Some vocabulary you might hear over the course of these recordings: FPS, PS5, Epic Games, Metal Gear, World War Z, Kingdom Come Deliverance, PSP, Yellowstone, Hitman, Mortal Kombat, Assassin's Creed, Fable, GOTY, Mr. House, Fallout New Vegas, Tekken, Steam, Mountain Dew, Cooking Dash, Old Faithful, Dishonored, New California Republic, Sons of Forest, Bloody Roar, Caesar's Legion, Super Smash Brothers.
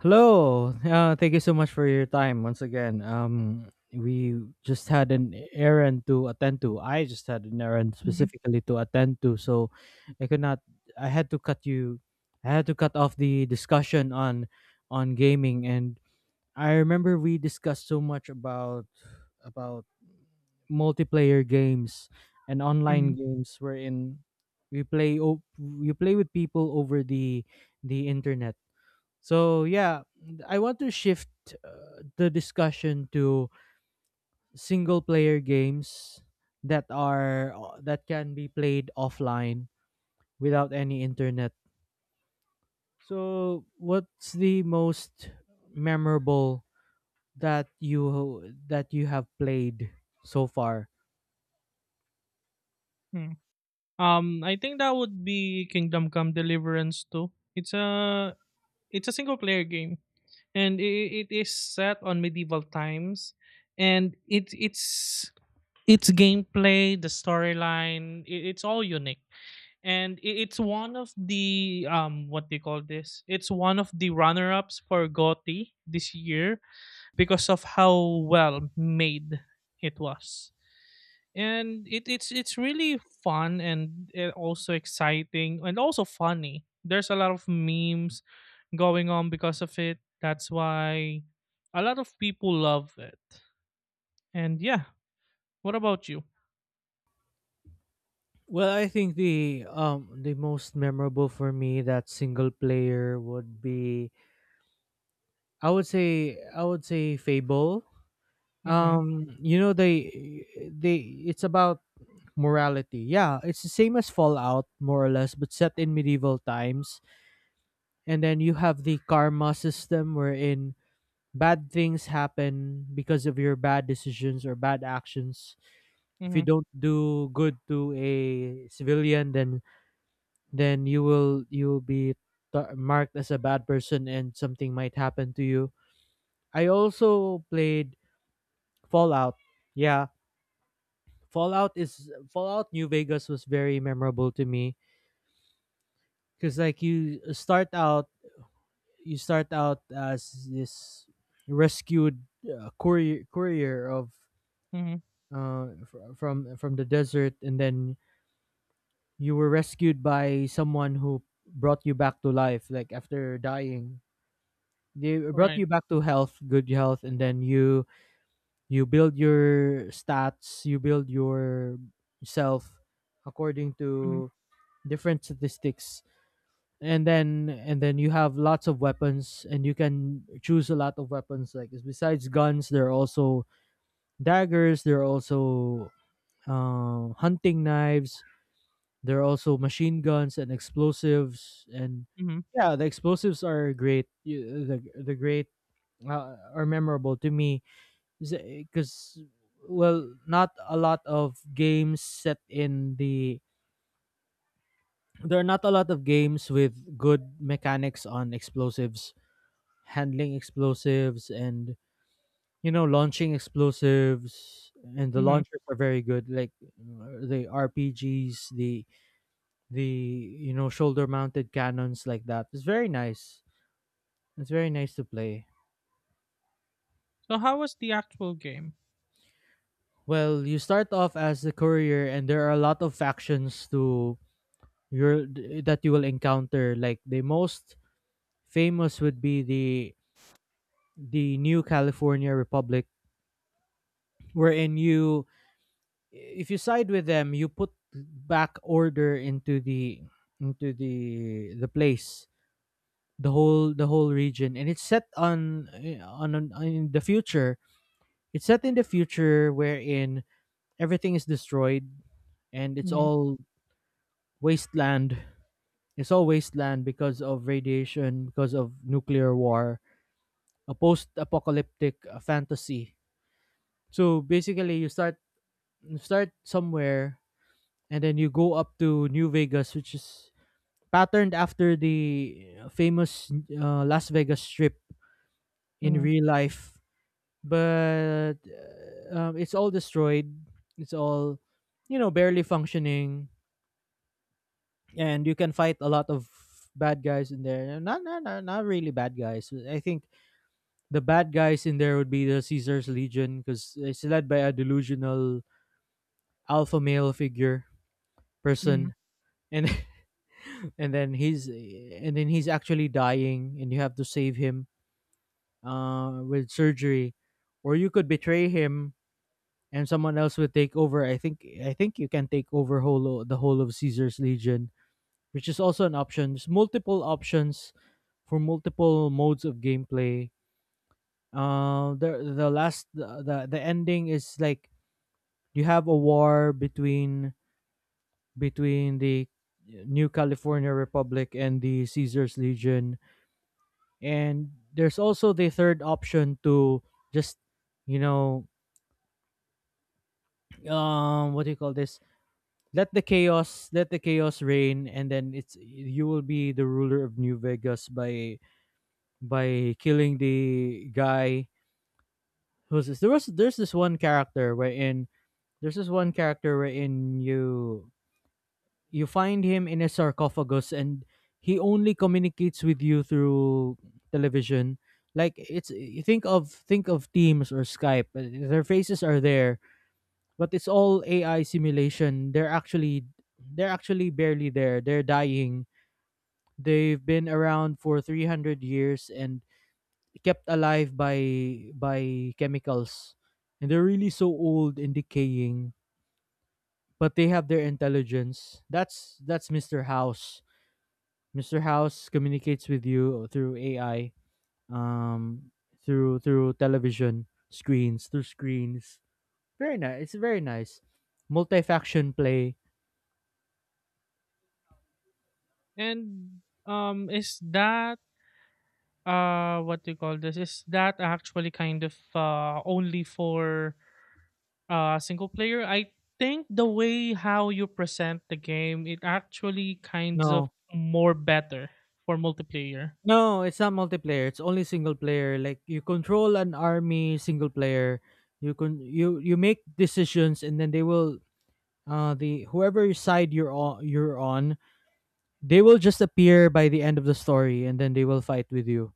Hello. Thank you so much for your time once again. We just had an errand to attend to. I just had an errand Mhm, specifically to attend to, so I could not. I had to cut you. I had to cut off the discussion on gaming, and I remember we discussed so much about multiplayer games and online mhm, games, wherein we play o- you play with people over the internet so yeah, I want to shift the discussion to single player games that are that can be played offline without any internet. So what's the most memorable that you have played so far? mm. I think that would be Kingdom Come Deliverance too. It's a single player game, and it is set on medieval times, and it's its gameplay, the storyline, it's all unique, and it's one of the what they call this. It's one of the runner ups for GOTY this year because of how well made it was. And it's really fun and also exciting and also funny. There's a lot of memes going on because of it. That's why a lot of people love it. And yeah, what about you Well, I think the most memorable for me that single player would be I would say Fable. mm-hmm, You know they it's about morality. Yeah, it's the same as Fallout more or less, but set in medieval times. And then you have the karma system wherein bad things happen because of your bad decisions or bad actions. If you mm-hmm, don't do good to a civilian, then you will be marked as a bad person and something might happen to you. I also played Fallout. Yeah, Fallout New Vegas was very memorable to me because like you start out as this rescued courier of mm-hmm. From the desert and then you were rescued by someone who brought you back to life like after dying, they brought Right you back to health, good health, and then you build your stats, you build your self according mm-hmm, to different statistics, and then you have lots of weapons and you can choose a lot of weapons like besides guns there are also daggers, there are also hunting knives, there are also machine guns and explosives and mm-hmm, yeah, the explosives are great. The great are memorable to me because well not a lot of games set in there are not a lot of games with good mechanics on explosives, handling explosives and you know launching explosives, and the mm-hmm. launchers are very good like the RPGs, the you know shoulder mounted cannons like that, it's very nice, it's very nice to play. So how was the actual game Well you start off as the courier and there are a lot of factions to your that you will encounter like the most famous would be the new California Republic, wherein you if you side with them, you put back order into the into the place, the whole region, and it's set on on in the future. It's set in the future wherein everything is destroyed and it's mm-hmm, all wasteland. It's all wasteland because of radiation, because of nuclear war, a post-apocalyptic fantasy. So basically, you start somewhere and then you go up to New Vegas, which is patterned after the famous Las Vegas Strip in Mm-hmm. real life. But it's all destroyed. It's all, you know, barely functioning, and you can fight a lot of bad guys in there. Not really bad guys. I think the bad guys in there would be the Caesar's Legion because it's led by a delusional alpha male figure Mhm. person, and and then he's actually dying, and you have to save him with surgery, or you could betray him and someone else would take over. I think you can take over the whole of Caesar's legion, which is also an option. There's multiple options for multiple modes of gameplay. The last the ending is like you have a war between the New California Republic and the Caesar's Legion, and there's also the third option to just you know what do you call this let the chaos reign, and then it's you will be the ruler of new vegas by killing the guy who's this there's this one character wherein you find him in a sarcophagus, and he only communicates with you through television. Like it's you think of teams or skype, their faces are there but it's all AI simulation. They're actually barely there. They're dying. They've been around for 300 years and kept alive by chemicals. And they're really so old and decaying, but they have their intelligence. That's Mr. House. Mr. House communicates with you through AI, um, through television screens, through screens. Very nice. It's very nice. Multi-faction play. And is that what do you call this? Is that actually kind of only for single player? I think the way how you present the game, it actually kinds of No, more better for multiplayer. No, it's not multiplayer. It's only single player. Like you control an army single player. You can you make decisions and then they will the whoever side you're on, they will just appear by the end of the story and then they will fight with you.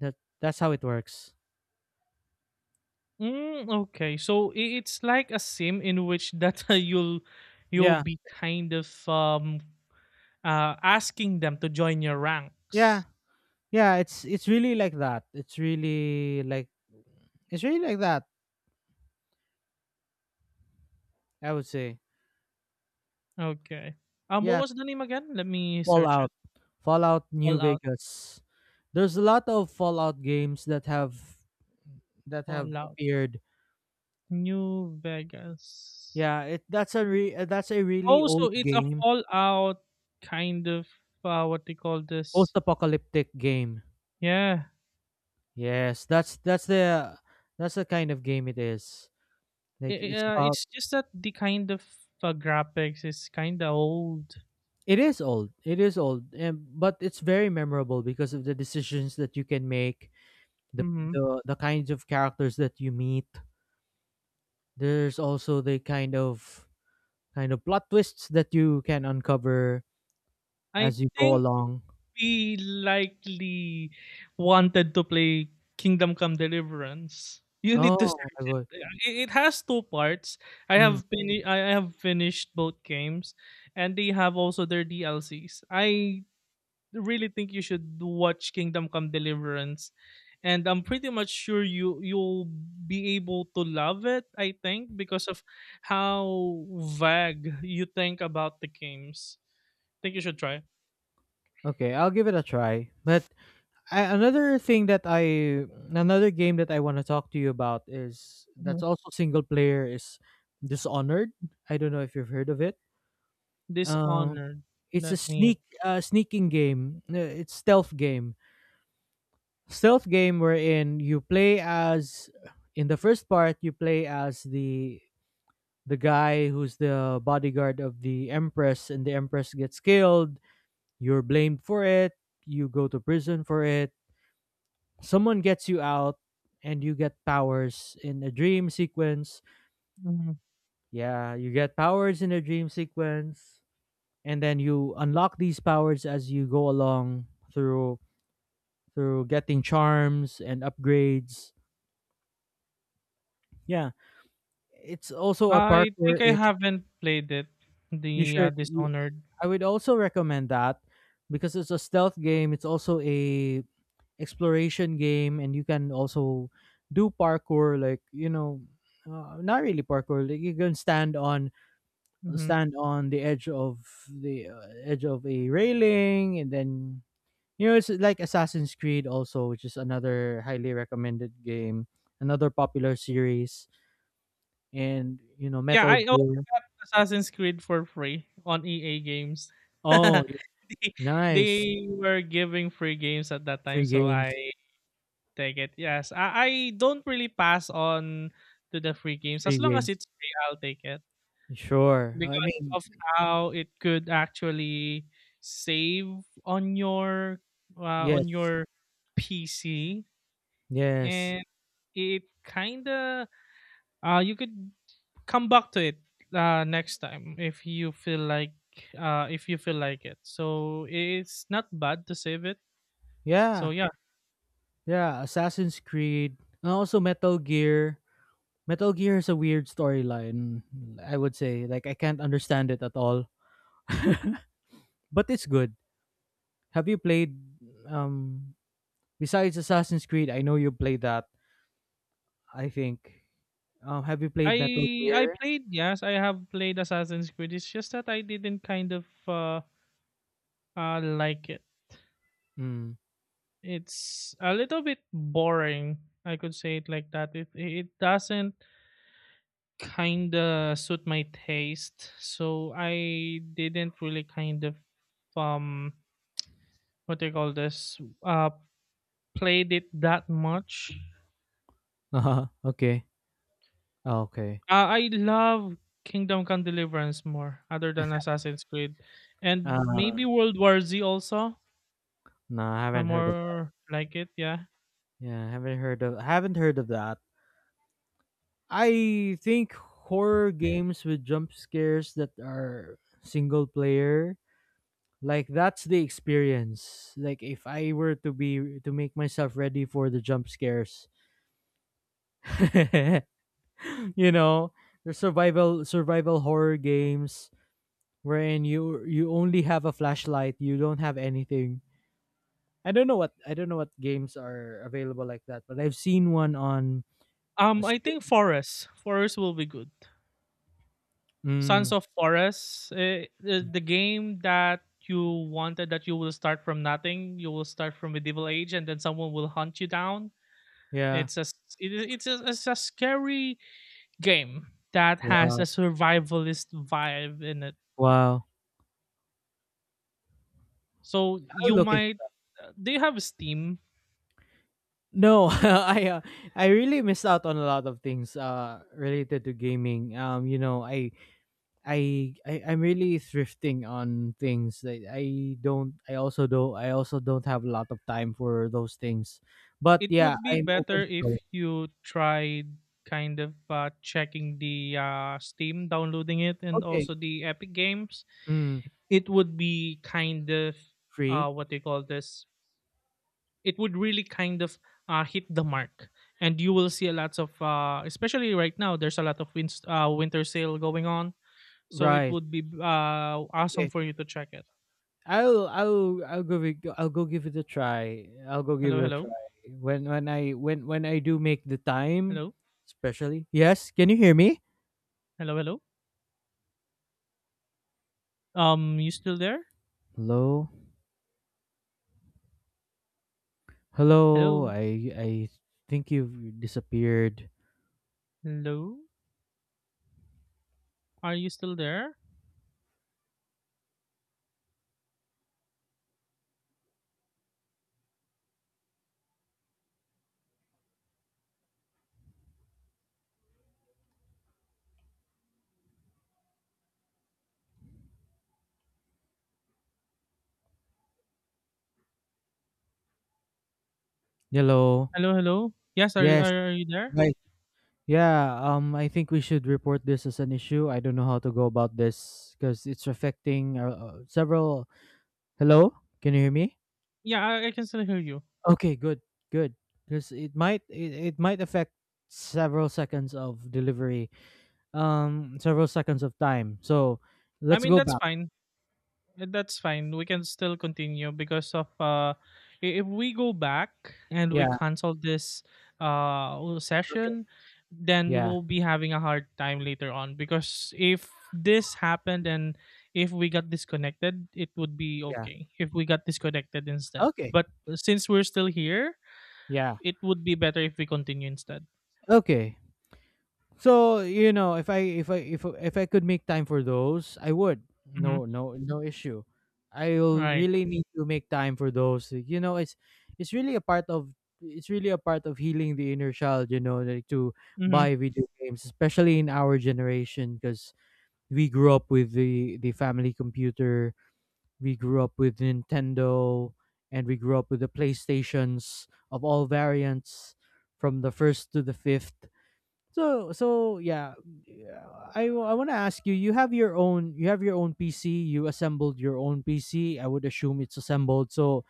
That that's how it works. Mm, okay, so it's like a sim in which that you'll Yeah. be kind of asking them to join your Yeah. ranks. Yeah, it's really like that. It's really like it's really like that, I would say. Okay. What Yeah. was the name again? Let me search Fallout. Fallout New Fallout, Vegas. There's a lot of Fallout games that have Fallout appeared. New Vegas. Yeah, it that's a that's a really Oh, old so it's a game, Fallout kind of what they call this. post-apocalyptic game. Yeah, Yes, that's the kind of game it is. Like it's about it's just that the kind of graphics is kind of old. it is old. It is old, and but it's very memorable because of the decisions that you can make, the Hmm. The kinds of characters that you meet. There's also the kind of plot twists that you can uncover I as you go think along. we likely wanted to play Kingdom Come Deliverance. You need to Oh, search I it. would. Yeah, it has two parts. I Mm, have been I I have finished both games, and they have also their DLCs. I really think you should watch Kingdom Come Deliverance. And I'm pretty much sure you'll be able to love it, I think, because of how vague you think about the games. Think you should try. okay, I'll give it a try. But another thing that I want to talk to you about is that's Mhm. also single player is Dishonored. I don't know if you've heard of it. Um, Dishonored. it's a Let me. Sneaking game. It's stealth game. Stealth game wherein you play as in the first part you play as the guy who's the bodyguard of the empress and the empress gets killed. You're blamed for it. You go to prison for it, someone gets you out and you get powers in a dream sequence. Mhm. Yeah, you get powers in a dream sequence and then you unlock these powers as you go along through getting charms and upgrades. Yeah, it's also a I think I parkour-ish. haven't played it. You The should you, Dishonored. I would also recommend that because it's a stealth game, it's also a exploration game and you can also do parkour, like you know not really parkour, like you can stand on Hmm. stand on the edge of the edge of a railing and then you know it's like assassin's creed also, which is another highly recommended game, another popular series, and you know Yeah, metal I gear. Assassin's Creed for free on EA Games. Oh yeah, They nice. they were giving free games at that time, Free so I games, take it. Yes, I don't really pass on to the free games. free As long games, as it's free, I'll take it sure, I because mean, of how it could actually save on your uh, on yes, your PC. yes, And it kinda you could come back to it, next time if you feel like if you feel like it. So it's not bad to save it. So yeah. yeah, Yeah, Assassin's Creed, and also Metal Gear. Metal Gear has a weird storyline, I would say. Like I can't understand it at all, but it's good. Have you played um besides Assassin's Creed? I know you played that, I think. Have you played Metal I Gear? played. Yes, I have played Assassin's Creed. It's just that I didn't kind of like it. Hmm. It's a little bit boring. I could say it like that. It doesn't kind of suit my taste. So I didn't really kind of um what do you call this played it that much. Uh-huh. Okay. Oh, Okay. Ah, I love Kingdom Come Deliverance more other than Assassin's Creed, and Uh maybe World War Z also. no, I I haven't heard of that. more like it, yeah. Yeah, I haven't heard of that. I think horror games with jump scares that are single player, like that's the experience, like if I were to be to make myself ready for the jump scares you know, there's survival horror games wherein you only have a flashlight, you don't have anything. I don't know what games are available like that, but I've seen one on a I stream. think Forest will be good. Sons Mm, of Forest, eh, the game that you wanted, that you will start from nothing. You will start from medieval age, and then someone will hunt you down. yeah, It's a s- it, I- it's a scary game that has a wow, survivalist vibe in it. wow. So I'll you look at. might do you have Steam? No. I really missed out on a lot of things related to gaming, you know I'm really thrifting on things that I don't, I also do, I also don't have a lot of time for those things. But It yeah, would be I'm open better to if those. you tried kind of checking the Steam, downloading it, and Okay. also the Epic Games. Mm, It would be kind of free. What do you call this? It would really kind of hit the mark, and you will see a lot of, especially right now. There's a lot of winter sale going on, so it Right. would be awesome Okay. for you to check it. I'll go with, I'll go give it a try. I'll go give Hello, it a hello, try. When I do make the time, hello, especially. Yes, can you hear me? hello, hello. You still there? Hello? Hello. Hello? I think you've disappeared. Hello? Are you still there? Hello. Hello, hello? Yes, are, you- Yes. are, are you there? Right. Yeah, I think we should report this as an issue. I don't know how to go about this because it's affecting several. Hello, can you hear me? Yeah, I can still hear you. Okay, good, good. Because it might affect several seconds of delivery, several seconds of time. So I let's mean, go that's back. fine. That's fine. We can still continue because of I- if we go back and we Yeah. cancel this Okay. session, then Yeah. we'll be having a hard time later on because if this happened and if we got disconnected, it would be Yeah. okay if we got disconnected instead. Okay. But since we're still here, Yeah. it would be better if we continue instead. Okay. So you know, if I could make time for those, I would. Mhm. No, No issue. I'll Right. really need to make time for those. You know, it's really a part of healing the inner child. You know, like to Mhm. buy video games, especially in our generation, because we grew up with the family computer, we grew up with Nintendo, and we grew up with the PlayStations of all variants, from the first to the fifth. So yeah, yeah, I want to ask you. You have your own. You have your own PC. You assembled your own PC. I would assume it's assembled. So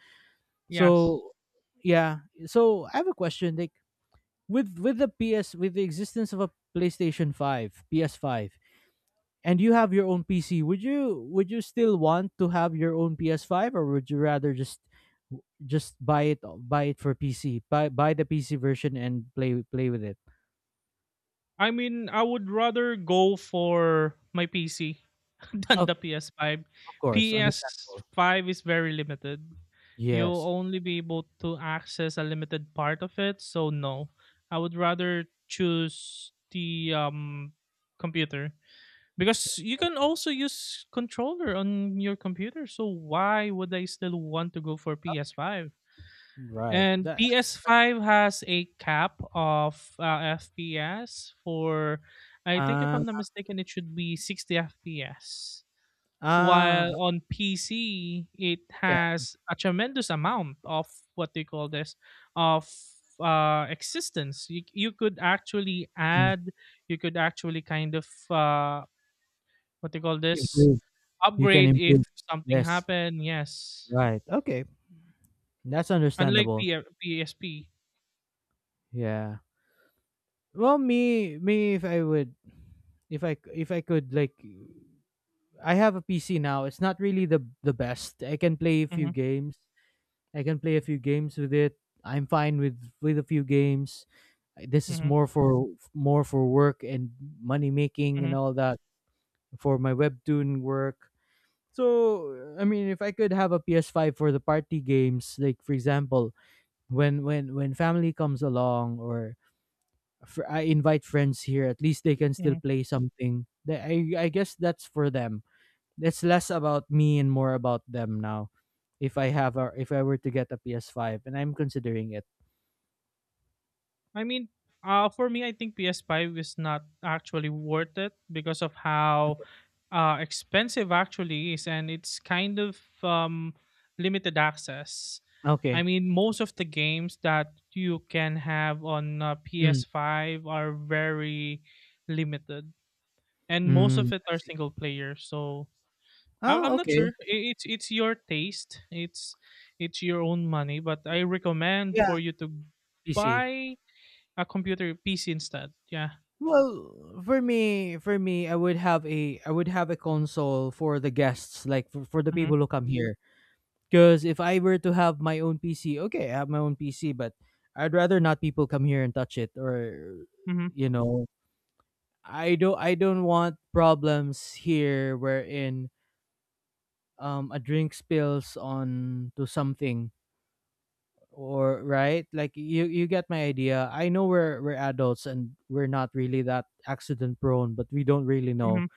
Yes. so yeah. So I have a question. Like with with the PS with the existence of a PlayStation Five, PS Five, and you have your own PC. Would you still want to have your own PS Five, or would you rather just buy it for PC, buy the PC version and play with it? I mean, I would rather go for my PC than the Okay, PS5. of course, understandable. PS5 is very limited. You'll Yes, only be able to access a limited part of it, so no. I would rather choose the computer because you can also use controller on your computer. So why would I still want to go for PS5? right. And PS5 has a cap of FPS for, I think if uh, I'm not mistaken, it should be 60 FPS. ah, While on PC, it you has a tremendous amount of what they call this of existence. You could actually can you could actually kind of, what they call this, improve. You can upgrade if improve. something Yes, happened. Yes. right. Okay, that's Unlike understandable. P- PSP. Yeah. Well, if I would, if I could, like, I have a PC now. It's not really the best. I can play a few Mhm, games. I can play a few games with it. I'm fine with a few games. This is mhm, more for work and money making and mhm, all that for my webtoon work. So I mean, if I could have a PS5 for the party games, like for example, when family comes along or I invite friends here, at least they can still mhm. play something. I guess that's for them. It's less about me and more about them now. If I have a, if I were to get a PS5, and I'm considering it. I mean, for me, I think PS5 is not actually worth it because of how expensive actually is, and it's kind of limited access. I Okay. mean, most of the games that you can have on Mm. PS5 are very limited, and most Mm. of it I are see. single player. So Oh, I'm not okay. sure. It's your taste. It's your own money, but I recommend Yeah. for you to PC. buy a computer PC instead. Yeah. Well, I would have a console for the guests, like for the Mhm, people who come here. Because if I were to have my own PC, okay, I have my own PC, but I'd rather not people come here and touch it, or mhm, you know, I don't want problems here wherein a drink spills on to something or right, like you get my idea. I know we're adults and we're not really that accident prone, but we don't really know. mhm.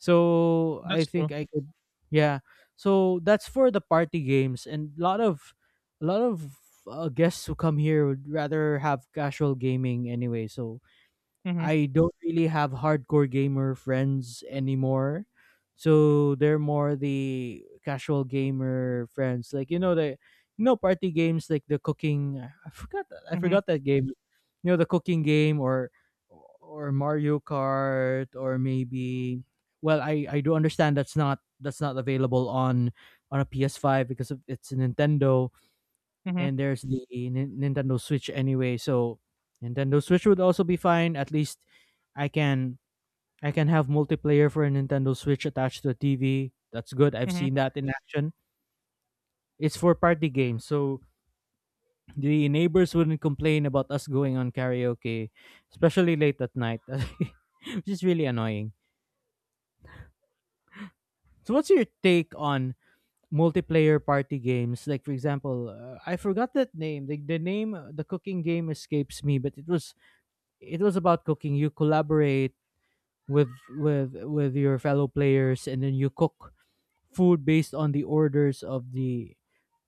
So I That's think true. I could, yeah. So that's for the party games, and a lot of guests who come here would rather have casual gaming anyway. So Mhm, I don't really have hardcore gamer friends anymore. So they're more the casual gamer friends. Like, you know, the party games like the cooking. I mhm, forgot that game. You know, the cooking game, or Mario Kart, or maybe. Well, I do understand that's not available on a PS5 because of, it's a Nintendo, mhm, and there's the Nin- Nintendo Switch anyway. So Nintendo Switch would also be fine. At least I can I can have multiplayer for a Nintendo Switch attached to a TV. That's good. I've mhm. seen that in action. It's for party games, so the neighbors wouldn't complain about us going on karaoke, especially late at night, which is really annoying. So, what's your take on multiplayer party games? Like, for example, I forgot that name. The name, the cooking game escapes me, but it was about cooking. You collaborate with your fellow players, and then you cook food based on the orders of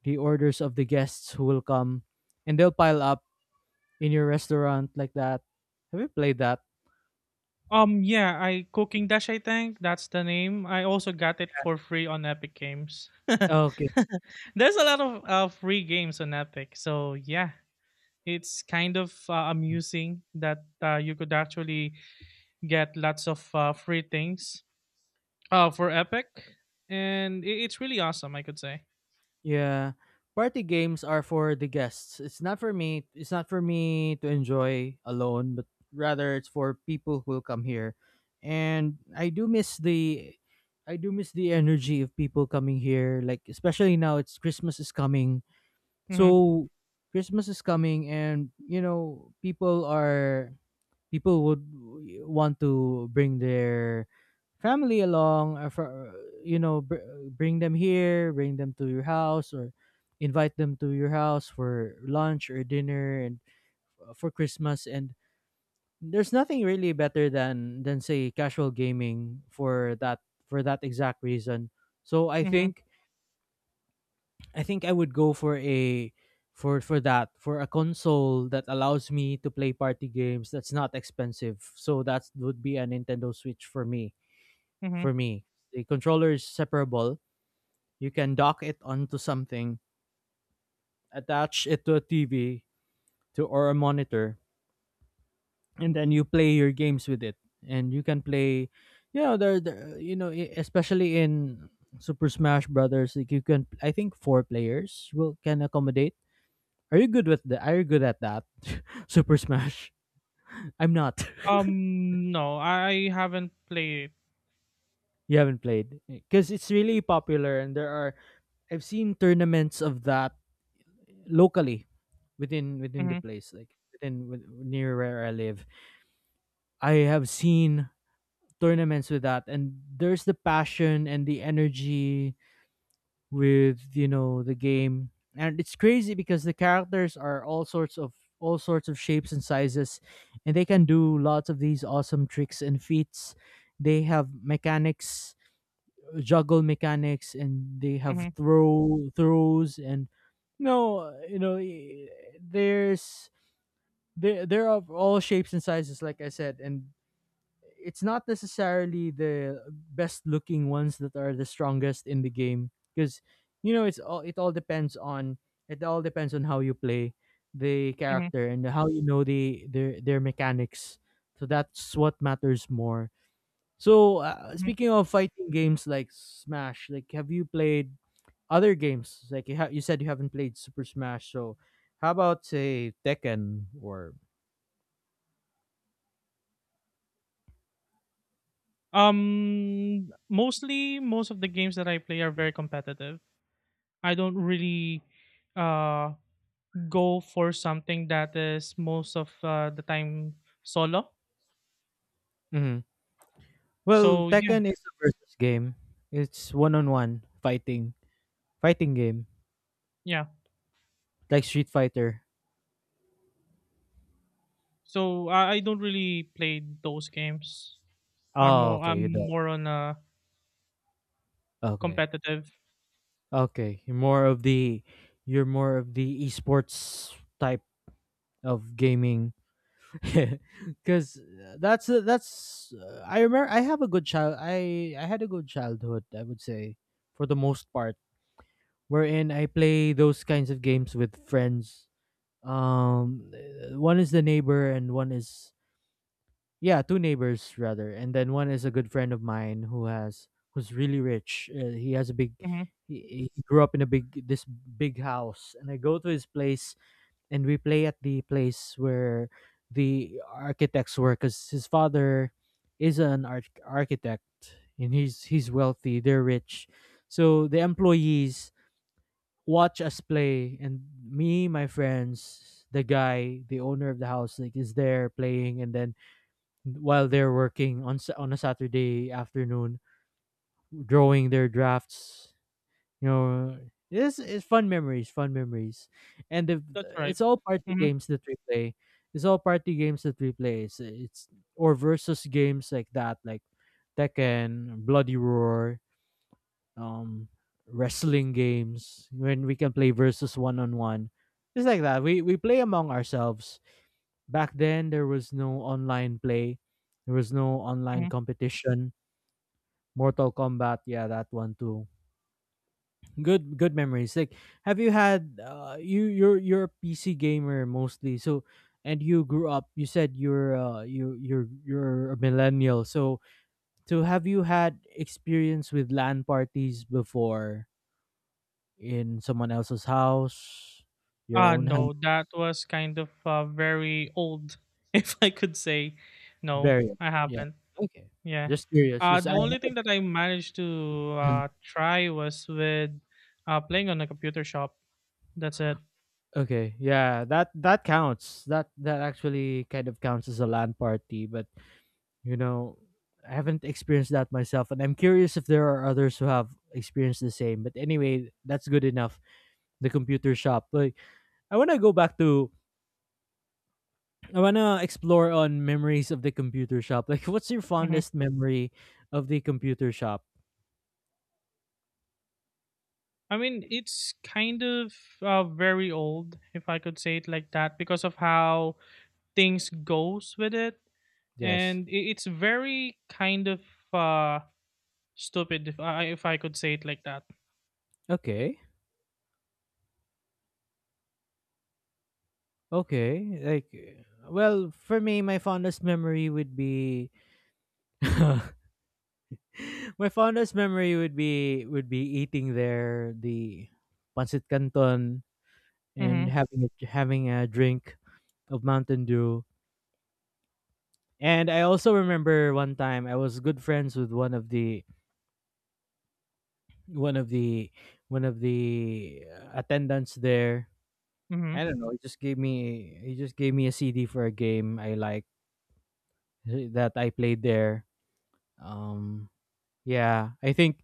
the orders of the guests who will come, and they'll pile up in your restaurant like that. Have you played that? Yeah, I Cooking Dash, I think that's the name. I also got it for free on Epic Games. There's a lot of free games on Epic, so yeah, it's kind of amusing that you could actually get lots of free things for Epic, and it's really awesome, I could say. Yeah. Party games are for the guests. It's not for me. It's not for me to enjoy alone, but rather it's for people who will come here. And I do miss the energy of people coming here, like especially now, it's Christmas is coming. Mm-hmm, So Christmas is coming, and you know, people would want to bring their family along for, you know, bring them here, bring them to your house, or invite them to your house for lunch or dinner, and for Christmas. And there's nothing really better than say casual gaming for that, for that exact reason. so i mm-hmm, think I think I would go for a for that, for a console that allows me to play party games that's not expensive. So that would be a Nintendo Switch for me. Mm-hmm. For me, the controller is separable. You can dock it onto something, attach it to a TV to or a monitor, and then you play your games with it. And you can play, you know, there you know, especially in Super Smash Brothers, like you can. I think four players will can accommodate. Are you good with the? Are you good at that? Super Smash. I'm not. No, I haven't played it. You haven't played, because it's really popular, and there are. I've seen tournaments of that locally, within the Mhm, place, like near where I live. I have seen tournaments with that, and there's the passion and the energy with, you know, the game. And it's crazy because the characters are all sorts of shapes and sizes, and they can do lots of these awesome tricks and feats. They have mechanics, juggle mechanics, and they have mhm, throws and, no, you know, there's there are all shapes and sizes, like I said. And it's not necessarily the best looking ones that are the strongest in the game, because you know, it all depends on how you play the mhm, character, and how you know their mechanics. So that's what matters more. So mhm. speaking of fighting games like Smash, like have you played other games? Like you, you said you haven't played Super Smash, so how about say Tekken, or? Mostly most of the games that I play are very competitive. I don't really uh go for something that is most of the time solo. Mhm. Well, So yeah, Tekken is a versus game. It's one-on-one fighting game yeah. like Street Fighter. So I don't really play those games. I'm Oh, more okay, you I'm don't. more on a Okay, competitive. okay. You're more of the esports type of gaming, because that's I remember I have a good child. I had a good childhood. I would say, for the most part, wherein I play those kinds of games with friends. One is the neighbor, and one is. Yeah, two neighbors rather, and then one is a good friend of mine who's really rich. He has a big. Hmm. He, grew up in a big house, and I go to his place, and we play at the place where the architects work, because his father is an architect, and he's wealthy. They're rich, so the employees watch us play, and me, my friends, the guy, the owner of the house, like is there playing, and then while they're working on on a Saturday afternoon, drawing their drafts. You know, this is fun memories, and the, That's right. it's all party Hmm. games that we play. It's all party games that we play. It's or versus games like that, like Tekken, Bloody Roar, um, wrestling games when we can play versus one on one. It's like that. We play among ourselves. Back then, there was no online play, there was no Hmm. online competition. Mortal Kombat, yeah, that one too. Good, good memories. Like, have you had, you you're a PC gamer mostly, so. And you grew up. You said you're you you're a millennial, so have you had experience with LAN parties before, in someone else's house, your own house? No, that was kind of very old, if I could say. No, Very. I Yeah. haven't. Okay. Yeah. Just curious because The I only thing that I managed to haven't. Try was with playing on a computer shop. That's it. Okay, yeah, that that counts. That that actually kind of counts as a LAN party, but you know, I haven't experienced that myself, and I'm curious if there are others who have experienced the same. But anyway, that's good enough. The computer shop. Like, I want to go back to. I want to explore on memories of the computer shop. Like, what's your Hmm. fondest memory of the computer shop? I mean, it's kind of very old, if I could say it like that, because of how things goes with it, Yes. and it's very kind of uh, stupid, if I could say it like that. Okay. Okay. Like, well, for me, my fondest memory would be. My fondest memory would be eating there the pancit canton, and Mm-hmm. Having a drink of Mountain Dew. And I also remember one time I was good friends with one of the one of the one of the attendants there. Mm-hmm. I don't know. He just gave me a CD for a game I like that I played there. Um, yeah, I think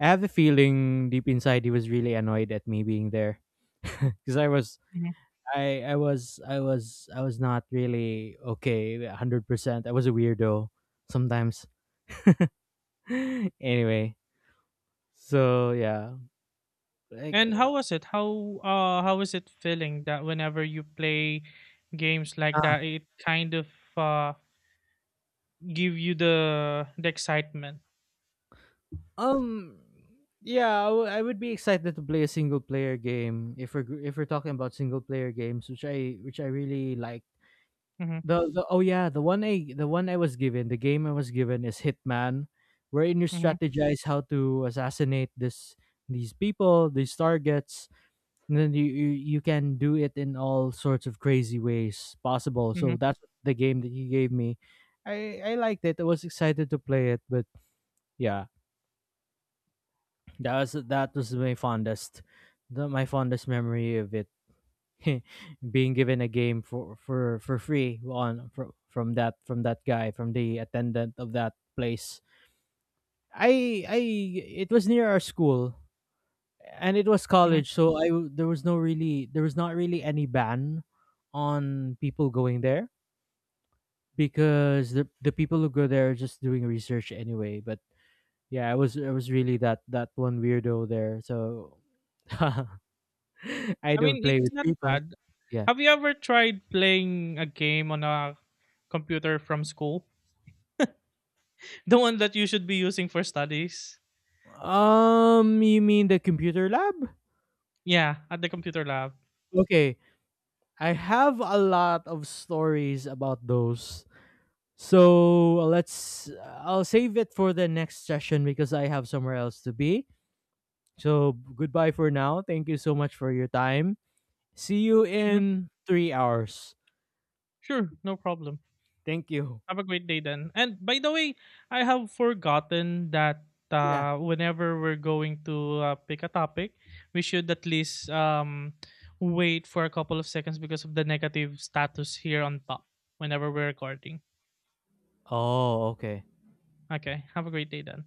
I have the feeling deep inside he was really annoyed at me being there because Mm-hmm. I I was not really okay 100%. I was a weirdo sometimes. Anyway, so yeah, like And how was it? How was it feeling that whenever you play games like uh, that, it kind of uh give you the excitement. um yeah, I would be excited to play a single player game, if if we're talking about single player games, which I really like. Hmm. The Oh yeah, the one I was given, the game I was given is Hitman, wherein you Hmm. strategize how to assassinate this these people, these targets. And then you, you can do it in all sorts of crazy ways possible. So Hmm. that's the game that he gave me. I liked it. I was excited to play it, but yeah, that was my fondest, my fondest memory of it, being given a game for free, on from that, guy, from the attendant of that place. I it was near our school, and it was Hmm. college, so there was no really there was not really any ban on people going there, because the people who go there are just doing research anyway. But yeah, I was really that that one weirdo there. So I I don't mean, play it's with not people. bad. Yeah. Have you ever tried playing a game on a computer from school? The one that you should be using for studies? You mean the computer lab. Yeah, at the computer lab. Okay, I have a lot of stories about those. So let's I'll save it for the next session, because I have somewhere else to be. So goodbye for now. Thank you so much for your time. See you Hmm. in 3 hours. Sure, no problem. Thank you. Have a great day then. And by the way, I have forgotten that Yeah. Whenever we're going to pick a topic, we should at least wait for a couple of seconds because of the negative status here on top whenever we're recording. Oh, okay. Okay, have a great day then.